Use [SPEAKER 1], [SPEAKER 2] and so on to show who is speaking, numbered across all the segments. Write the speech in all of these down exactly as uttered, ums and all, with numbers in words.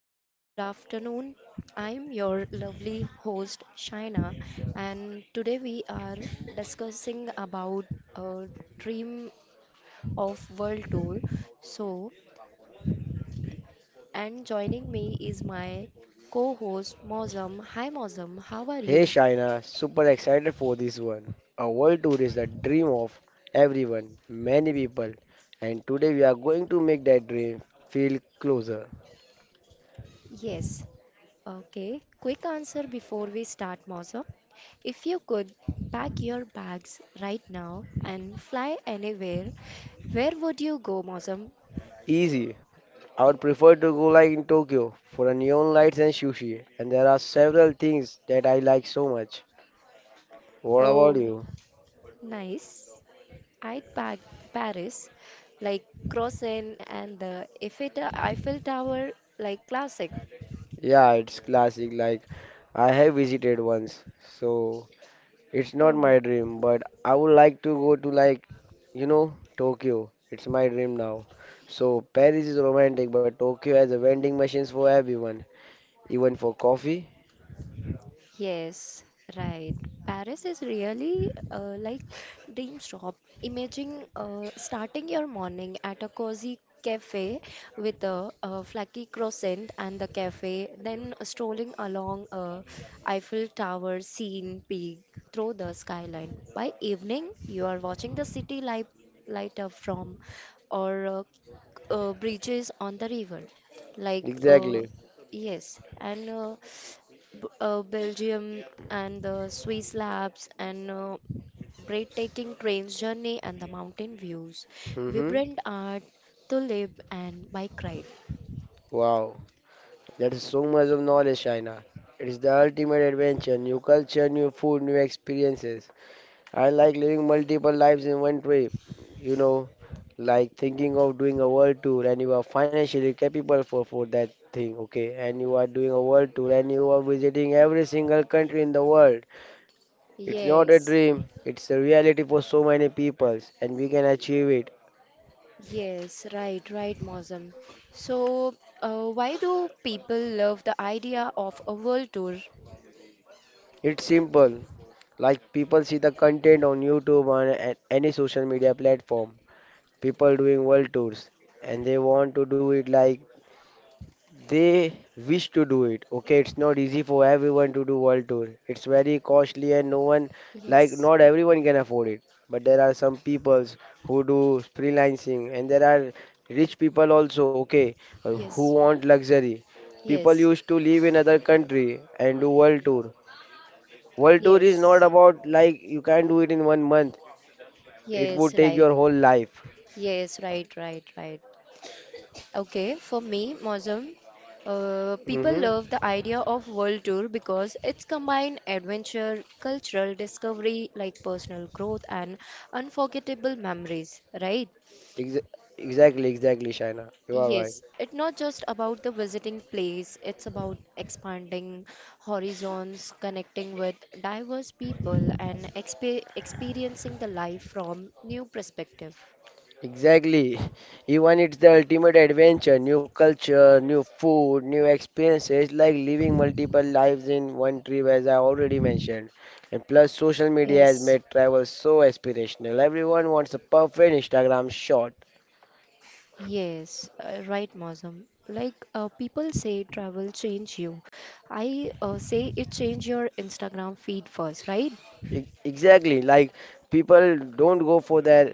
[SPEAKER 1] Hello, good afternoon. I'm your lovely host Shaina, and today we are discussing about a dream of world tour. So, and joining me is my co-host Mozam. Hi Mozam, how are
[SPEAKER 2] Hey
[SPEAKER 1] you?
[SPEAKER 2] Shaina, super excited for this one. A world tour is the dream of everyone, many people, and today we are going to make that dream feel closer.
[SPEAKER 1] Yes. Okay. Quick answer before we start, Mozam. If you could pack your bags right now and fly anywhere, where would you go, Mozam?
[SPEAKER 2] Easy. I would prefer to go like in Tokyo for a neon lights and sushi, and there are several things that I like so much. What about
[SPEAKER 1] Oh.
[SPEAKER 2] you?
[SPEAKER 1] Nice. I'd pack Paris, like Croissant and the Eiffel Ta- Eiffel Tower, like classic.
[SPEAKER 2] Yeah, it's classic. Like I have visited once, so it's not
[SPEAKER 1] Oh.
[SPEAKER 2] my dream, but I would like to go to like, you know, Tokyo. It's my dream now. So Paris is romantic, but Tokyo has a vending machines for everyone, even for coffee.
[SPEAKER 1] Yes, right. Paris is really uh, like dream shop. Imagine uh, starting your morning at a cozy cafe with a, a flaky croissant and the cafe, then strolling along a Eiffel Tower scene peak through the skyline. By evening, you are watching the city light, light up from or uh, uh, bridges on the river. Like,
[SPEAKER 2] Exactly.
[SPEAKER 1] uh, yes, and uh, B- uh, Belgium and the Swiss Alps and uh, breathtaking train journey and the mountain views,
[SPEAKER 2] Mm-hmm.
[SPEAKER 1] vibrant art to live and bike ride.
[SPEAKER 2] Wow, that is so much of knowledge, China. It is the ultimate adventure, new culture, new food, new experiences. I like living multiple lives in one trip, you know, like thinking of doing a world tour and you are financially capable for, for that thing, okay? And you are doing a world tour and you are visiting every single country in the world. It's not a
[SPEAKER 1] Yes,
[SPEAKER 2] dream, it's a reality for so many peoples and we can achieve it.
[SPEAKER 1] Yes, right, right, Mosam. So uh, why do people love the idea of a world tour?
[SPEAKER 2] It's simple. Like people see the content on YouTube on a- any social media platform. People doing world tours and they want to do it like they wish to do it. Okay, it's not easy for everyone to do world tour. It's very costly and no one, like,
[SPEAKER 1] Yes,
[SPEAKER 2] not everyone can afford it. But there are some peoples who do freelancing and there are rich people also, okay, uh, who
[SPEAKER 1] yes,
[SPEAKER 2] want luxury. People
[SPEAKER 1] yes,
[SPEAKER 2] used to live in other country and do world tour. World tour is not
[SPEAKER 1] yes,
[SPEAKER 2] about like you can't do it in one month. It
[SPEAKER 1] yes,
[SPEAKER 2] would take
[SPEAKER 1] right.
[SPEAKER 2] your whole life.
[SPEAKER 1] Yes, right, right, right. Okay, for me, Mozum, uh, people
[SPEAKER 2] Mm-hmm.
[SPEAKER 1] love the idea of world tour because it's combined adventure, cultural discovery, like personal growth and unforgettable memories, right?
[SPEAKER 2] Exa exactly, exactly, Shaina. You are right.
[SPEAKER 1] Yes, it's not just about the visiting place, it's about expanding horizons, connecting with diverse people and expe experiencing the life from new perspective.
[SPEAKER 2] Exactly. Even it's the ultimate adventure, new culture, new food, new experiences, like living multiple lives in one trip, as I already mentioned. And plus, social media has
[SPEAKER 1] Yes.
[SPEAKER 2] made travel so aspirational. Everyone wants a perfect Instagram shot.
[SPEAKER 1] Yes, uh, right, Mosam. Like uh, people say travel change you. I uh, say it change your Instagram feed first, right?
[SPEAKER 2] E- Exactly. Like people don't go for their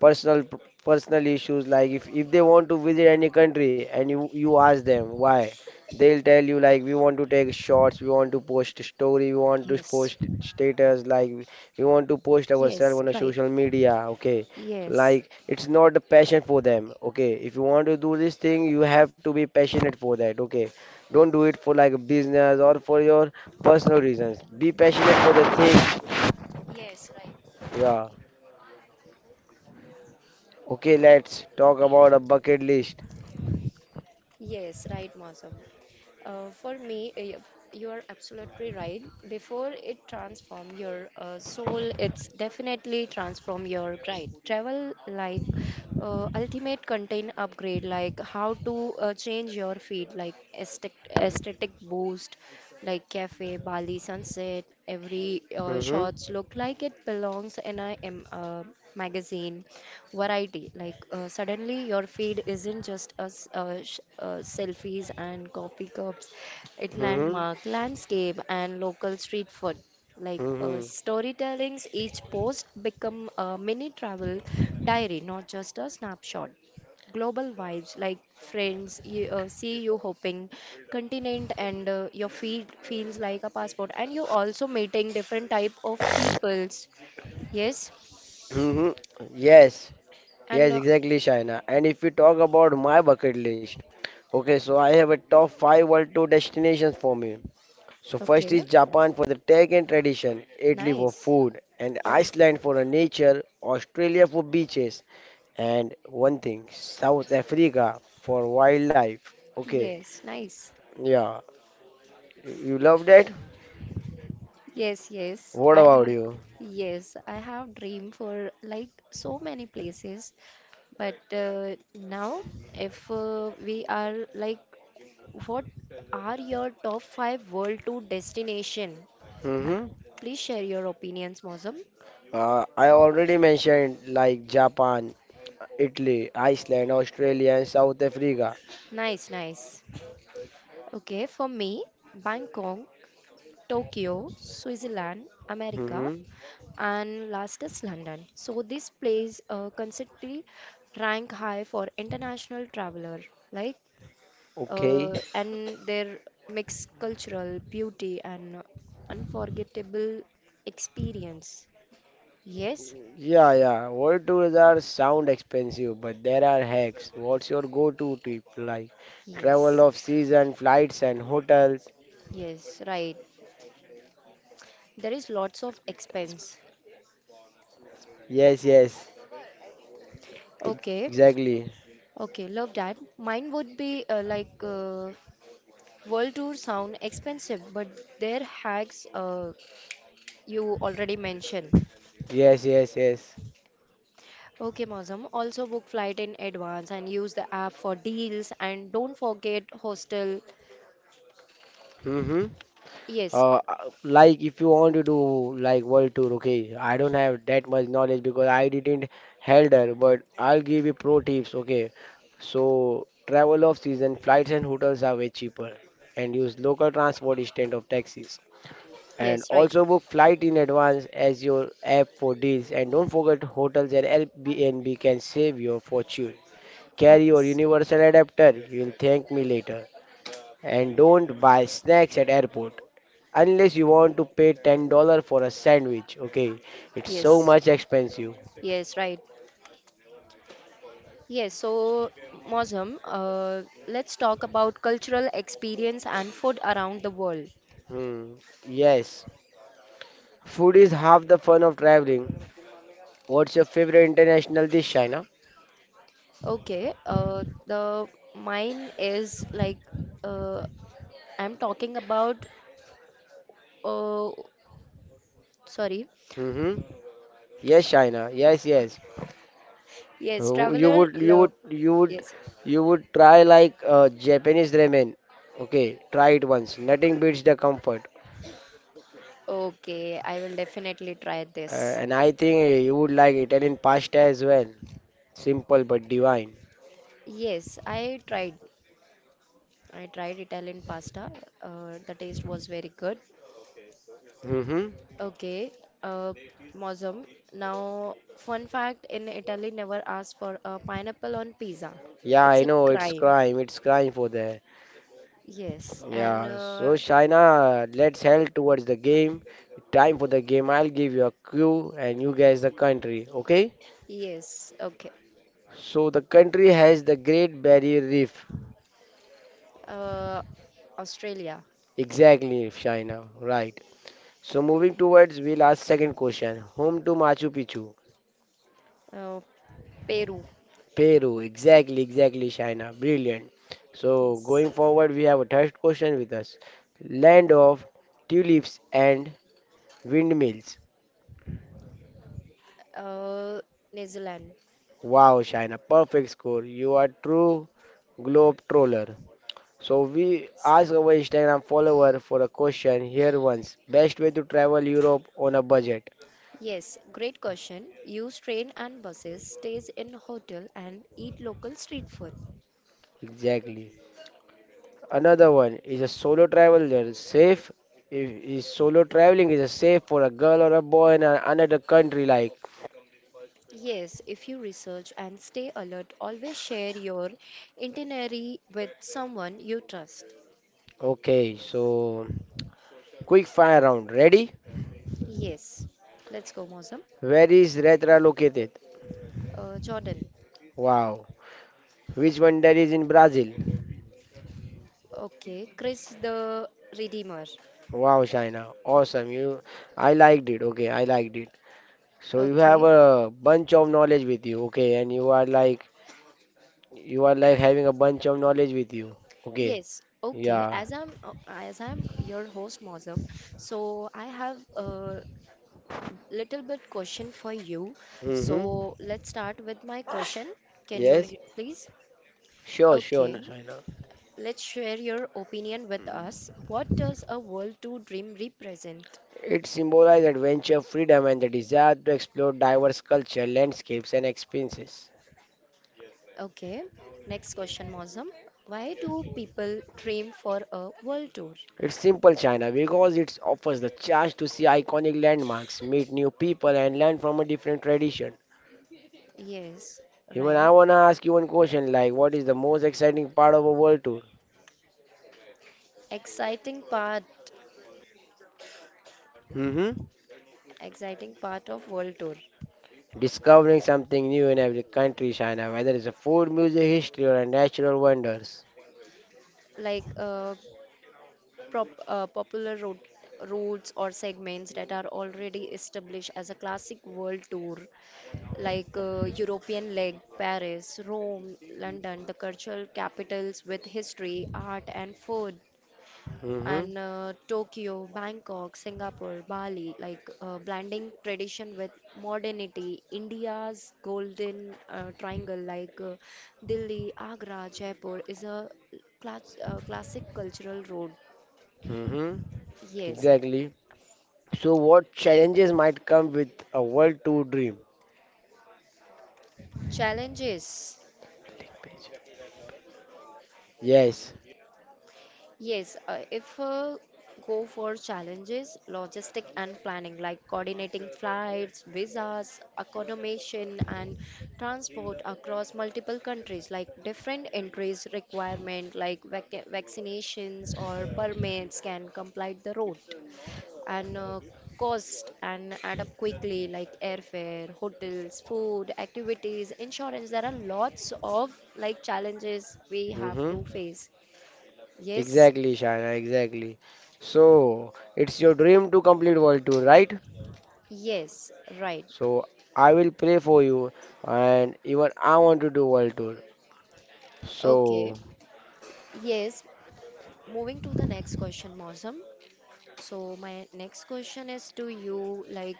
[SPEAKER 2] personal personal issues, like if if they want to visit any country and you you ask them why, they'll tell you like we want to take shots, we want to post story, we want to
[SPEAKER 1] Yes.
[SPEAKER 2] post status, like we want to post ourselves
[SPEAKER 1] Yes,
[SPEAKER 2] on a
[SPEAKER 1] right.
[SPEAKER 2] social media, okay,
[SPEAKER 1] Yes.
[SPEAKER 2] like it's not a passion for them. Okay, if you want to do this thing you have to be passionate for that, okay, don't do it for like business or for your personal reasons. Be passionate for the things.
[SPEAKER 1] Yes, right.
[SPEAKER 2] Yeah. Okay, let's talk about a bucket list.
[SPEAKER 1] Yes, right, Mosam. Uh, for me, uh, yep, you are absolutely right. Before it transform your uh, soul, it's definitely transform your guide. Travel like uh, ultimate content upgrade, like how to uh, change your feed, like aesthetic, aesthetic boost, like cafe, Bali sunset. Every uh,
[SPEAKER 2] Mm-hmm.
[SPEAKER 1] shots look like it belongs, and I am. Uh, magazine, variety. Like uh, suddenly your feed isn't just us uh, sh- uh, selfies and coffee cups. It
[SPEAKER 2] Mm-hmm.
[SPEAKER 1] landmark, landscape, and local street food. Like uh,
[SPEAKER 2] Mm-hmm.
[SPEAKER 1] storytellings, each post become a mini travel diary, not just a snapshot global vibes like friends you uh, see you hopping continent and uh, your feed feels like a passport and you also meeting different type of peoples. Yes,
[SPEAKER 2] Mm-hmm. Yes,
[SPEAKER 1] and
[SPEAKER 2] yes,
[SPEAKER 1] uh,
[SPEAKER 2] exactly, Shaina. And if we talk about my bucket list, okay, so I have a top five world tour destinations for me. So first
[SPEAKER 1] okay,
[SPEAKER 2] is Japan for the tech and tradition, Italy for
[SPEAKER 1] nice.
[SPEAKER 2] food, and
[SPEAKER 1] Oh,
[SPEAKER 2] Iceland for the nature, Australia for beaches, and one thing, South Africa for wildlife. Okay,
[SPEAKER 1] yes, nice.
[SPEAKER 2] yeah, you you love that?
[SPEAKER 1] Yes, yes.
[SPEAKER 2] What
[SPEAKER 1] I
[SPEAKER 2] about
[SPEAKER 1] have,
[SPEAKER 2] you?
[SPEAKER 1] yes, I have dream for like so many places, but uh, now if uh, we are like, what are your top five world tour destination? Uh,
[SPEAKER 2] Hmm.
[SPEAKER 1] Please share your opinions, Mozum.
[SPEAKER 2] Uh, I already mentioned like Japan, Italy, Iceland, Australia, and South Africa.
[SPEAKER 1] Nice, nice. Okay, for me, Bangkok, Tokyo, Switzerland, America,
[SPEAKER 2] Mm-hmm.
[SPEAKER 1] and last is London. So this place uh, consistently rank high for international traveler, like
[SPEAKER 2] Okay.
[SPEAKER 1] uh, and their mixed cultural beauty and unforgettable experience. Yes,
[SPEAKER 2] Yeah, yeah. World tours are sound expensive, but there are hacks. What's your go-to tip? Like travel
[SPEAKER 1] yes,
[SPEAKER 2] off season, flights and hotels.
[SPEAKER 1] yes, right. There is lots of expense.
[SPEAKER 2] Yes, yes. Ex-
[SPEAKER 1] Okay,
[SPEAKER 2] Exactly.
[SPEAKER 1] okay, love that. Mine would be uh, like uh, world tour sound expensive, but their hacks uh, you already mentioned.
[SPEAKER 2] Yes, yes, yes.
[SPEAKER 1] Okay, Mausam. Also book flight in advance and use the app for deals and don't forget hostel.
[SPEAKER 2] Mm-hmm.
[SPEAKER 1] Yes,
[SPEAKER 2] Uh, uh, like if you want to do like world tour, okay. I don't have that much knowledge because I didn't held her, but I'll give you pro tips, okay. So travel off season, flights and hotels are way cheaper, and use local transport instead of taxis. And
[SPEAKER 1] yes, right.
[SPEAKER 2] also book flight in advance as your app for deals, and don't forget hotels and Airbnb can save your fortune. Carry your
[SPEAKER 1] Yes,
[SPEAKER 2] universal adapter. You'll thank me later. And don't buy snacks at airport unless you want to pay ten dollars for a sandwich. Okay, it's so
[SPEAKER 1] yes,
[SPEAKER 2] much expensive.
[SPEAKER 1] yes, right. Yes, so Mausam, uh, let's talk about cultural experience and food around the world.
[SPEAKER 2] Hmm. Yes, food is half the fun of traveling. What's your favorite international dish, China?
[SPEAKER 1] Okay, uh, the mine is like uh, I'm talking about. Uh, sorry.
[SPEAKER 2] Mm-hmm. Yes, China. Yes, yes.
[SPEAKER 1] Yes,
[SPEAKER 2] Uh, You
[SPEAKER 1] traveler
[SPEAKER 2] would, you
[SPEAKER 1] love.
[SPEAKER 2] would, you would,
[SPEAKER 1] Yes.
[SPEAKER 2] you would try like uh, Japanese ramen. Okay, try it once. Nothing beats the comfort.
[SPEAKER 1] Okay, I will definitely try
[SPEAKER 2] Uh,
[SPEAKER 1] this.
[SPEAKER 2] and I think uh, you would like Italian pasta as well. Simple but divine.
[SPEAKER 1] Yes, I tried. I tried Italian pasta. Uh, the taste was very good.
[SPEAKER 2] Hmm.
[SPEAKER 1] Okay, uh, Mosum. Now, fun fact in Italy, never ask for a pineapple on pizza.
[SPEAKER 2] Yeah,
[SPEAKER 1] It's
[SPEAKER 2] I
[SPEAKER 1] a
[SPEAKER 2] know it's
[SPEAKER 1] crime.
[SPEAKER 2] crime. It's crime for the.
[SPEAKER 1] Yes, and
[SPEAKER 2] Yeah. So
[SPEAKER 1] uh,
[SPEAKER 2] China, let's head towards the game. Time for the game. I'll give you a clue, and you guess the country. Okay?
[SPEAKER 1] yes, okay.
[SPEAKER 2] So the country has the Great Barrier Reef.
[SPEAKER 1] Uh, Australia,
[SPEAKER 2] Exactly, China. Right. So moving towards, we'll ask second question. Home to Machu Picchu,
[SPEAKER 1] uh, Peru,
[SPEAKER 2] Peru. Exactly, exactly, China. Brilliant. So
[SPEAKER 1] yes,
[SPEAKER 2] going forward, we have a third question with us. Land of tulips and windmills.
[SPEAKER 1] uh, New Zealand.
[SPEAKER 2] Wow, Shaina, perfect score. You are true globe troller. So we ask our Instagram follower for a question here once. Best way to travel Europe on a budget.
[SPEAKER 1] Yes, great question. Use train and buses, stays in hotel and eat local street food.
[SPEAKER 2] Exactly. Another one is a solo traveler. Safe, if is solo traveling is a safe for a girl or a boy in a- another country, like.
[SPEAKER 1] Yes, if you research and stay alert, always share your itinerary with someone you trust.
[SPEAKER 2] Okay, so quick fire round. Ready?
[SPEAKER 1] Yes. Let's go, Mosam.
[SPEAKER 2] Where is Retra located?
[SPEAKER 1] Uh, Jordan.
[SPEAKER 2] Wow. Which wonder is in Brazil?
[SPEAKER 1] Okay. Chris the Redeemer.
[SPEAKER 2] Wow, Shaina, awesome. You, I liked it. Okay, I liked it. So you have
[SPEAKER 1] Okay.
[SPEAKER 2] a bunch of knowledge with you. Okay, and you are like you are like having a bunch of knowledge with you. Okay,
[SPEAKER 1] Yes. Okay.
[SPEAKER 2] yeah.
[SPEAKER 1] As I'm uh, as I'm your host, Mosam. So I have uh, little bit question for you.
[SPEAKER 2] Mm-hmm.
[SPEAKER 1] So let's start with my question. Can you
[SPEAKER 2] Yes.
[SPEAKER 1] read, please?
[SPEAKER 2] Sure, sure, no,
[SPEAKER 1] Okay.
[SPEAKER 2] Shaina.
[SPEAKER 1] Let's share your opinion with us. What does a World Tour dream represent?
[SPEAKER 2] It symbolizes adventure, freedom, and the desire to explore diverse culture, landscapes, and experiences.
[SPEAKER 1] Okay. Next question, Mozam. Why do people dream for a World Tour?
[SPEAKER 2] It's simple, China, because it offers the chance to see iconic landmarks, meet new people, and learn from a different tradition.
[SPEAKER 1] Yes,
[SPEAKER 2] Even I
[SPEAKER 1] right.
[SPEAKER 2] wanna ask you one question, like what is the most exciting part of a world tour?
[SPEAKER 1] Exciting part,
[SPEAKER 2] Hmm.
[SPEAKER 1] exciting part of World Tour.
[SPEAKER 2] Discovering something new in every country, China, whether it's a food, music, history, or a natural wonders.
[SPEAKER 1] Like uh, prop, uh, popular road, routes or segments that are already established as a classic world tour, like uh, European leg, Paris, Rome, London, the cultural capitals with history, art, and food,
[SPEAKER 2] Hmm.
[SPEAKER 1] and uh, Tokyo, Bangkok, Singapore, Bali, like uh, blending tradition with modernity, India's golden uh, triangle, like uh, Delhi, Agra, Jaipur, is a class, uh, classic cultural road.
[SPEAKER 2] Hmm.
[SPEAKER 1] Yes,
[SPEAKER 2] Exactly. So what challenges might come with a world tour dream?
[SPEAKER 1] challenges.
[SPEAKER 2] Yes.
[SPEAKER 1] Yes, uh, if uh, go for challenges, logistic and planning, like coordinating flights, visas, accommodation, and transport across multiple countries, like different entries requirement, like vac- vaccinations or permits can complete the route and uh, cost and add up quickly, like airfare, hotels, food, activities, insurance. There are lots of like challenges we have to
[SPEAKER 2] Hmm.
[SPEAKER 1] face. Yes,
[SPEAKER 2] Exactly, Shana, exactly. So, it's your dream to complete World Tour, right?
[SPEAKER 1] yes, right.
[SPEAKER 2] So, I will pray for you and even I want to do World Tour.
[SPEAKER 1] Okay.
[SPEAKER 2] So,
[SPEAKER 1] Yes, moving to the next question, Mosam. So my next question is to you, like,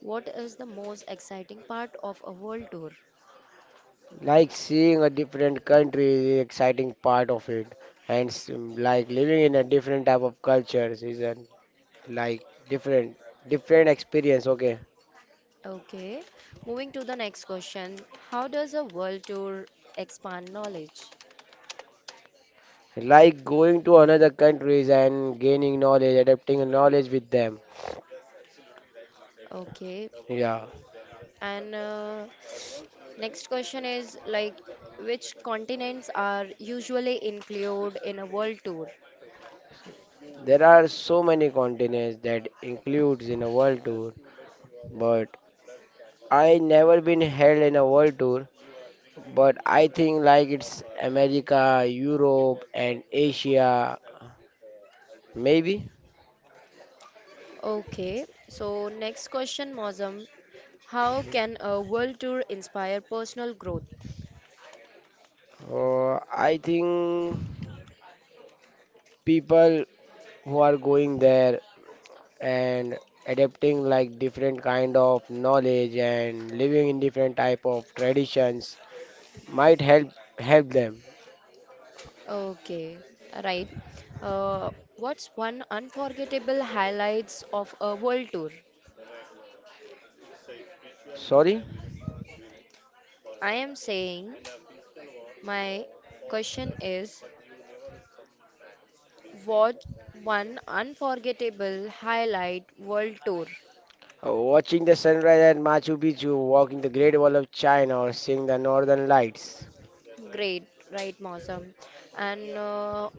[SPEAKER 1] what is the most exciting part of a world tour?
[SPEAKER 2] like seeing a different country is the exciting part of it, and s- mm, like living in a different type of cultures is a like different different experience. Okay,
[SPEAKER 1] Okay. Moving to the next question, how does a world tour expand knowledge?
[SPEAKER 2] like going to another countries and gaining knowledge, adapting knowledge with them.
[SPEAKER 1] Okay.
[SPEAKER 2] Yeah,
[SPEAKER 1] And uh, next question is like, which continents are usually included in a world tour?
[SPEAKER 2] there are so many continents that includes in a world tour, but I never been held in a world tour. But I think like it's America, Europe, and Asia, maybe.
[SPEAKER 1] Okay, so next question, Mozam. How can a world tour inspire personal growth?
[SPEAKER 2] Uh, I think people who are going there and adapting like different kind of knowledge and living in different type of traditions might help help them.
[SPEAKER 1] Okay, right. Uh, what's one unforgettable highlights of a world tour?
[SPEAKER 2] Sorry?
[SPEAKER 1] I am saying my question is what one unforgettable highlight world tour?
[SPEAKER 2] Uh, watching the sunrise at Machu Picchu, walking the Great Wall of China or seeing the northern lights.
[SPEAKER 1] Great, right, Mozam. And uh,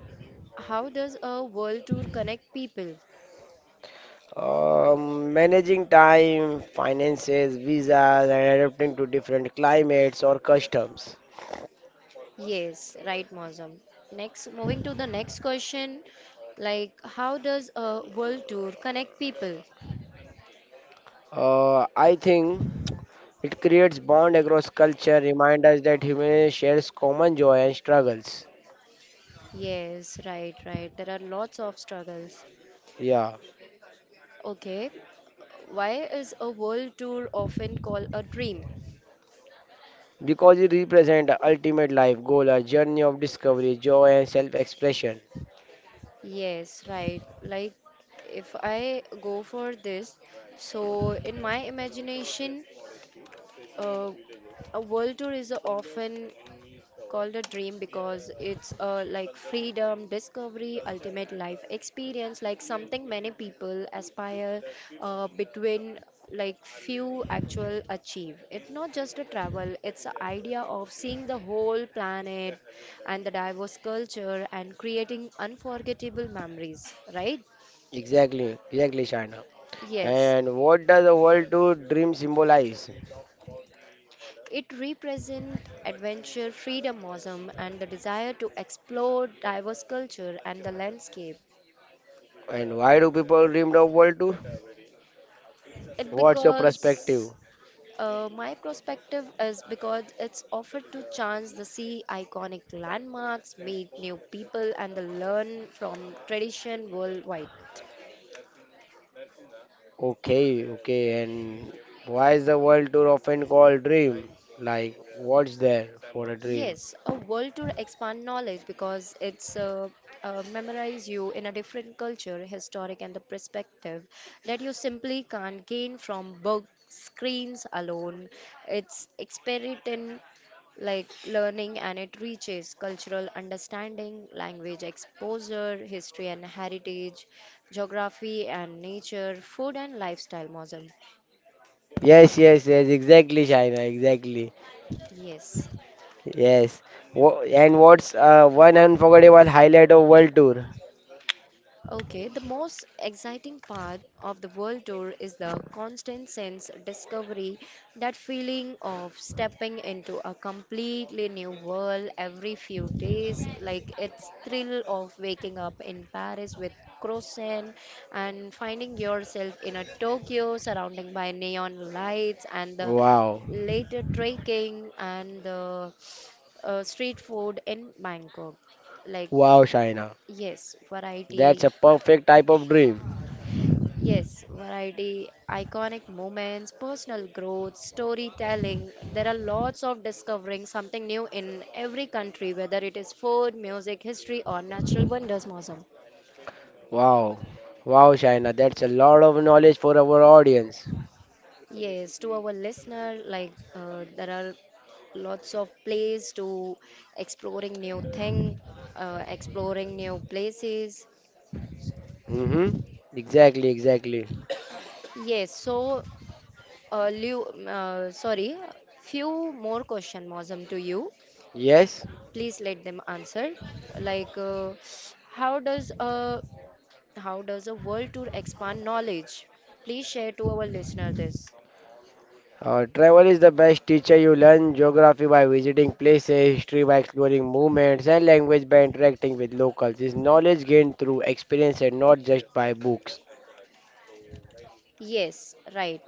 [SPEAKER 1] how does a world tour connect people?
[SPEAKER 2] Um, managing time, finances, visas and adapting to different climates or customs.
[SPEAKER 1] Yes, right, Mozam. Next, moving to the next question, like how does a world tour connect people?
[SPEAKER 2] Uh, I think it creates bond across culture, remind us that humanity shares common joy and struggles.
[SPEAKER 1] Yes, right, right. There are lots of struggles.
[SPEAKER 2] Yeah,
[SPEAKER 1] Okay, why is a world tour often called a dream?
[SPEAKER 2] because it represents ultimate life goal, a journey of discovery, joy, and self-expression.
[SPEAKER 1] Yes, right. Like if I go for this, so in my imagination, uh, a world tour is often called a dream because it's a like freedom, discovery, ultimate life experience, like something many people aspire uh, between like few actual achieve. It's not just a travel, it's the idea of seeing the whole planet and the diverse culture and creating unforgettable memories, right?
[SPEAKER 2] Exactly, exactly, China.
[SPEAKER 1] Yes.
[SPEAKER 2] And what does a world tour dream symbolize?
[SPEAKER 1] It represents adventure, freedomism, and the desire to explore diverse culture and the landscape.
[SPEAKER 2] And why do people dream of world tour?
[SPEAKER 1] It
[SPEAKER 2] What's your perspective?
[SPEAKER 1] because uh, my perspective is because it's offered to chance the see iconic landmarks, meet new people, and the learn from tradition worldwide.
[SPEAKER 2] Okay, okay, and why is the world tour often called dream? Like, what's there for a dream?
[SPEAKER 1] Yes, a world tour expand knowledge because it's uh, uh, memorize you in a different culture, historic and the perspective that you simply can't gain from book screens alone. It's expert in like learning and it reaches cultural understanding, language exposure, history and heritage, geography and nature, food and lifestyle, Mozam.
[SPEAKER 2] Yes, yes, yes, exactly, Shaina, exactly.
[SPEAKER 1] Yes.
[SPEAKER 2] Yes. Wha And what's uh, one unforgettable highlight of World Tour?
[SPEAKER 1] Okay, the most exciting part of the world tour is the constant sense of discovery, that feeling of stepping into a completely new world every few days, like it's thrill of waking up in Paris with croissant and finding yourself in a Tokyo surrounding by neon lights and the
[SPEAKER 2] Wow.
[SPEAKER 1] later trekking and the uh, street food in Bangkok. Like,
[SPEAKER 2] Wow, Shaina.
[SPEAKER 1] yes,
[SPEAKER 2] That's a
[SPEAKER 1] variety.
[SPEAKER 2] perfect type of dream.
[SPEAKER 1] Yes, variety, iconic moments, personal growth, storytelling. There are lots of discovering something new in every country, whether it is food, music, history, or natural wonders, Mosam.
[SPEAKER 2] Wow. Wow, Shaina. That's a lot of knowledge for our audience.
[SPEAKER 1] Yes, to our listener, like uh, there are lots of places to exploring new thing, uh, exploring new places.
[SPEAKER 2] Mm-hmm. Exactly, exactly.
[SPEAKER 1] Yes, so uh, Liu, uh, sorry, few more question, Mosam, to you.
[SPEAKER 2] Yes.
[SPEAKER 1] Please let them answer. Like, uh, how does a how does a world tour expand knowledge? Please share to our listener this.
[SPEAKER 2] Uh, travel is the best teacher. You learn geography by visiting places, history by exploring movements, and language by interacting with locals. This knowledge gained through experience and not just by books.
[SPEAKER 1] Yes, right.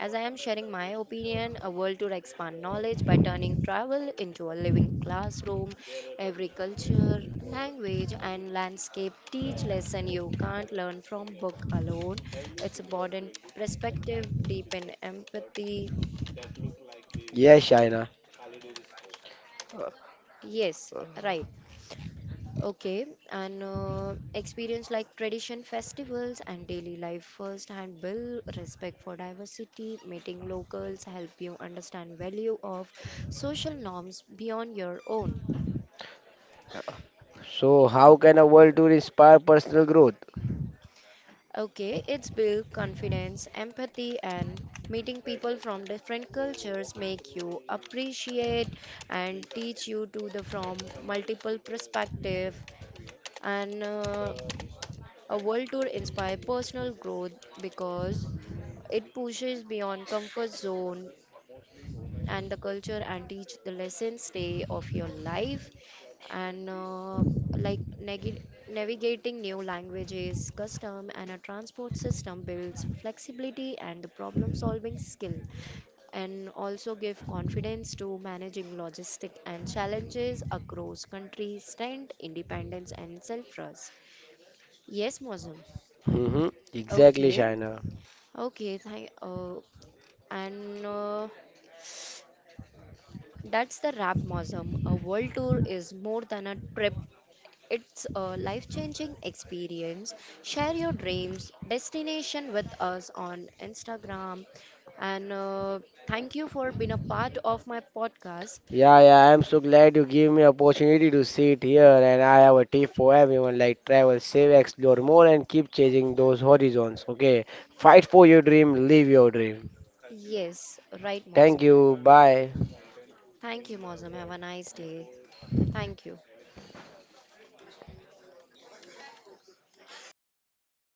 [SPEAKER 1] As I am sharing my opinion, a world tour expand knowledge by turning travel into a living classroom. Every culture, language, and landscape teach lesson you can't learn from book alone. It's important perspective, deepen empathy.
[SPEAKER 2] Yes, Shaina. Uh,
[SPEAKER 1] Yes, right. Okay, and uh, experience like tradition festivals and daily life firsthand build respect for diversity, meeting locals, help you understand value of social norms beyond your own.
[SPEAKER 2] So, how can a world tour inspire personal growth?
[SPEAKER 1] Okay, it's build confidence, empathy, and meeting people from different cultures make you appreciate and teach you to the from multiple perspective and uh, a world tour inspire personal growth because it pushes beyond comfort zone and the culture and teach the lessons day of your life and uh, like neg- navigating new languages, custom and a transport system builds flexibility and the problem solving skill and also give confidence to managing logistic and challenges across countries, strength, independence and self-trust. Yes, Mosum.
[SPEAKER 2] Hmm. Exactly,
[SPEAKER 1] Okay.
[SPEAKER 2] Shaina.
[SPEAKER 1] Okay, thank uh, and uh, that's the Rap Museum. A world tour is more than a trip, it's a life changing experience. Share your dreams, destination with us on Instagram. And uh, thank you for being a part of my podcast.
[SPEAKER 2] Yeah, yeah, I'm so glad you gave me opportunity to sit here and I have a tip for everyone like travel, save, explore more and keep chasing those horizons. Okay, fight for your dream, live your dream.
[SPEAKER 1] Yes, right,
[SPEAKER 2] Thank
[SPEAKER 1] Mosam.
[SPEAKER 2] you. Bye.
[SPEAKER 1] Thank you, Mosam. Have a nice day. Thank you.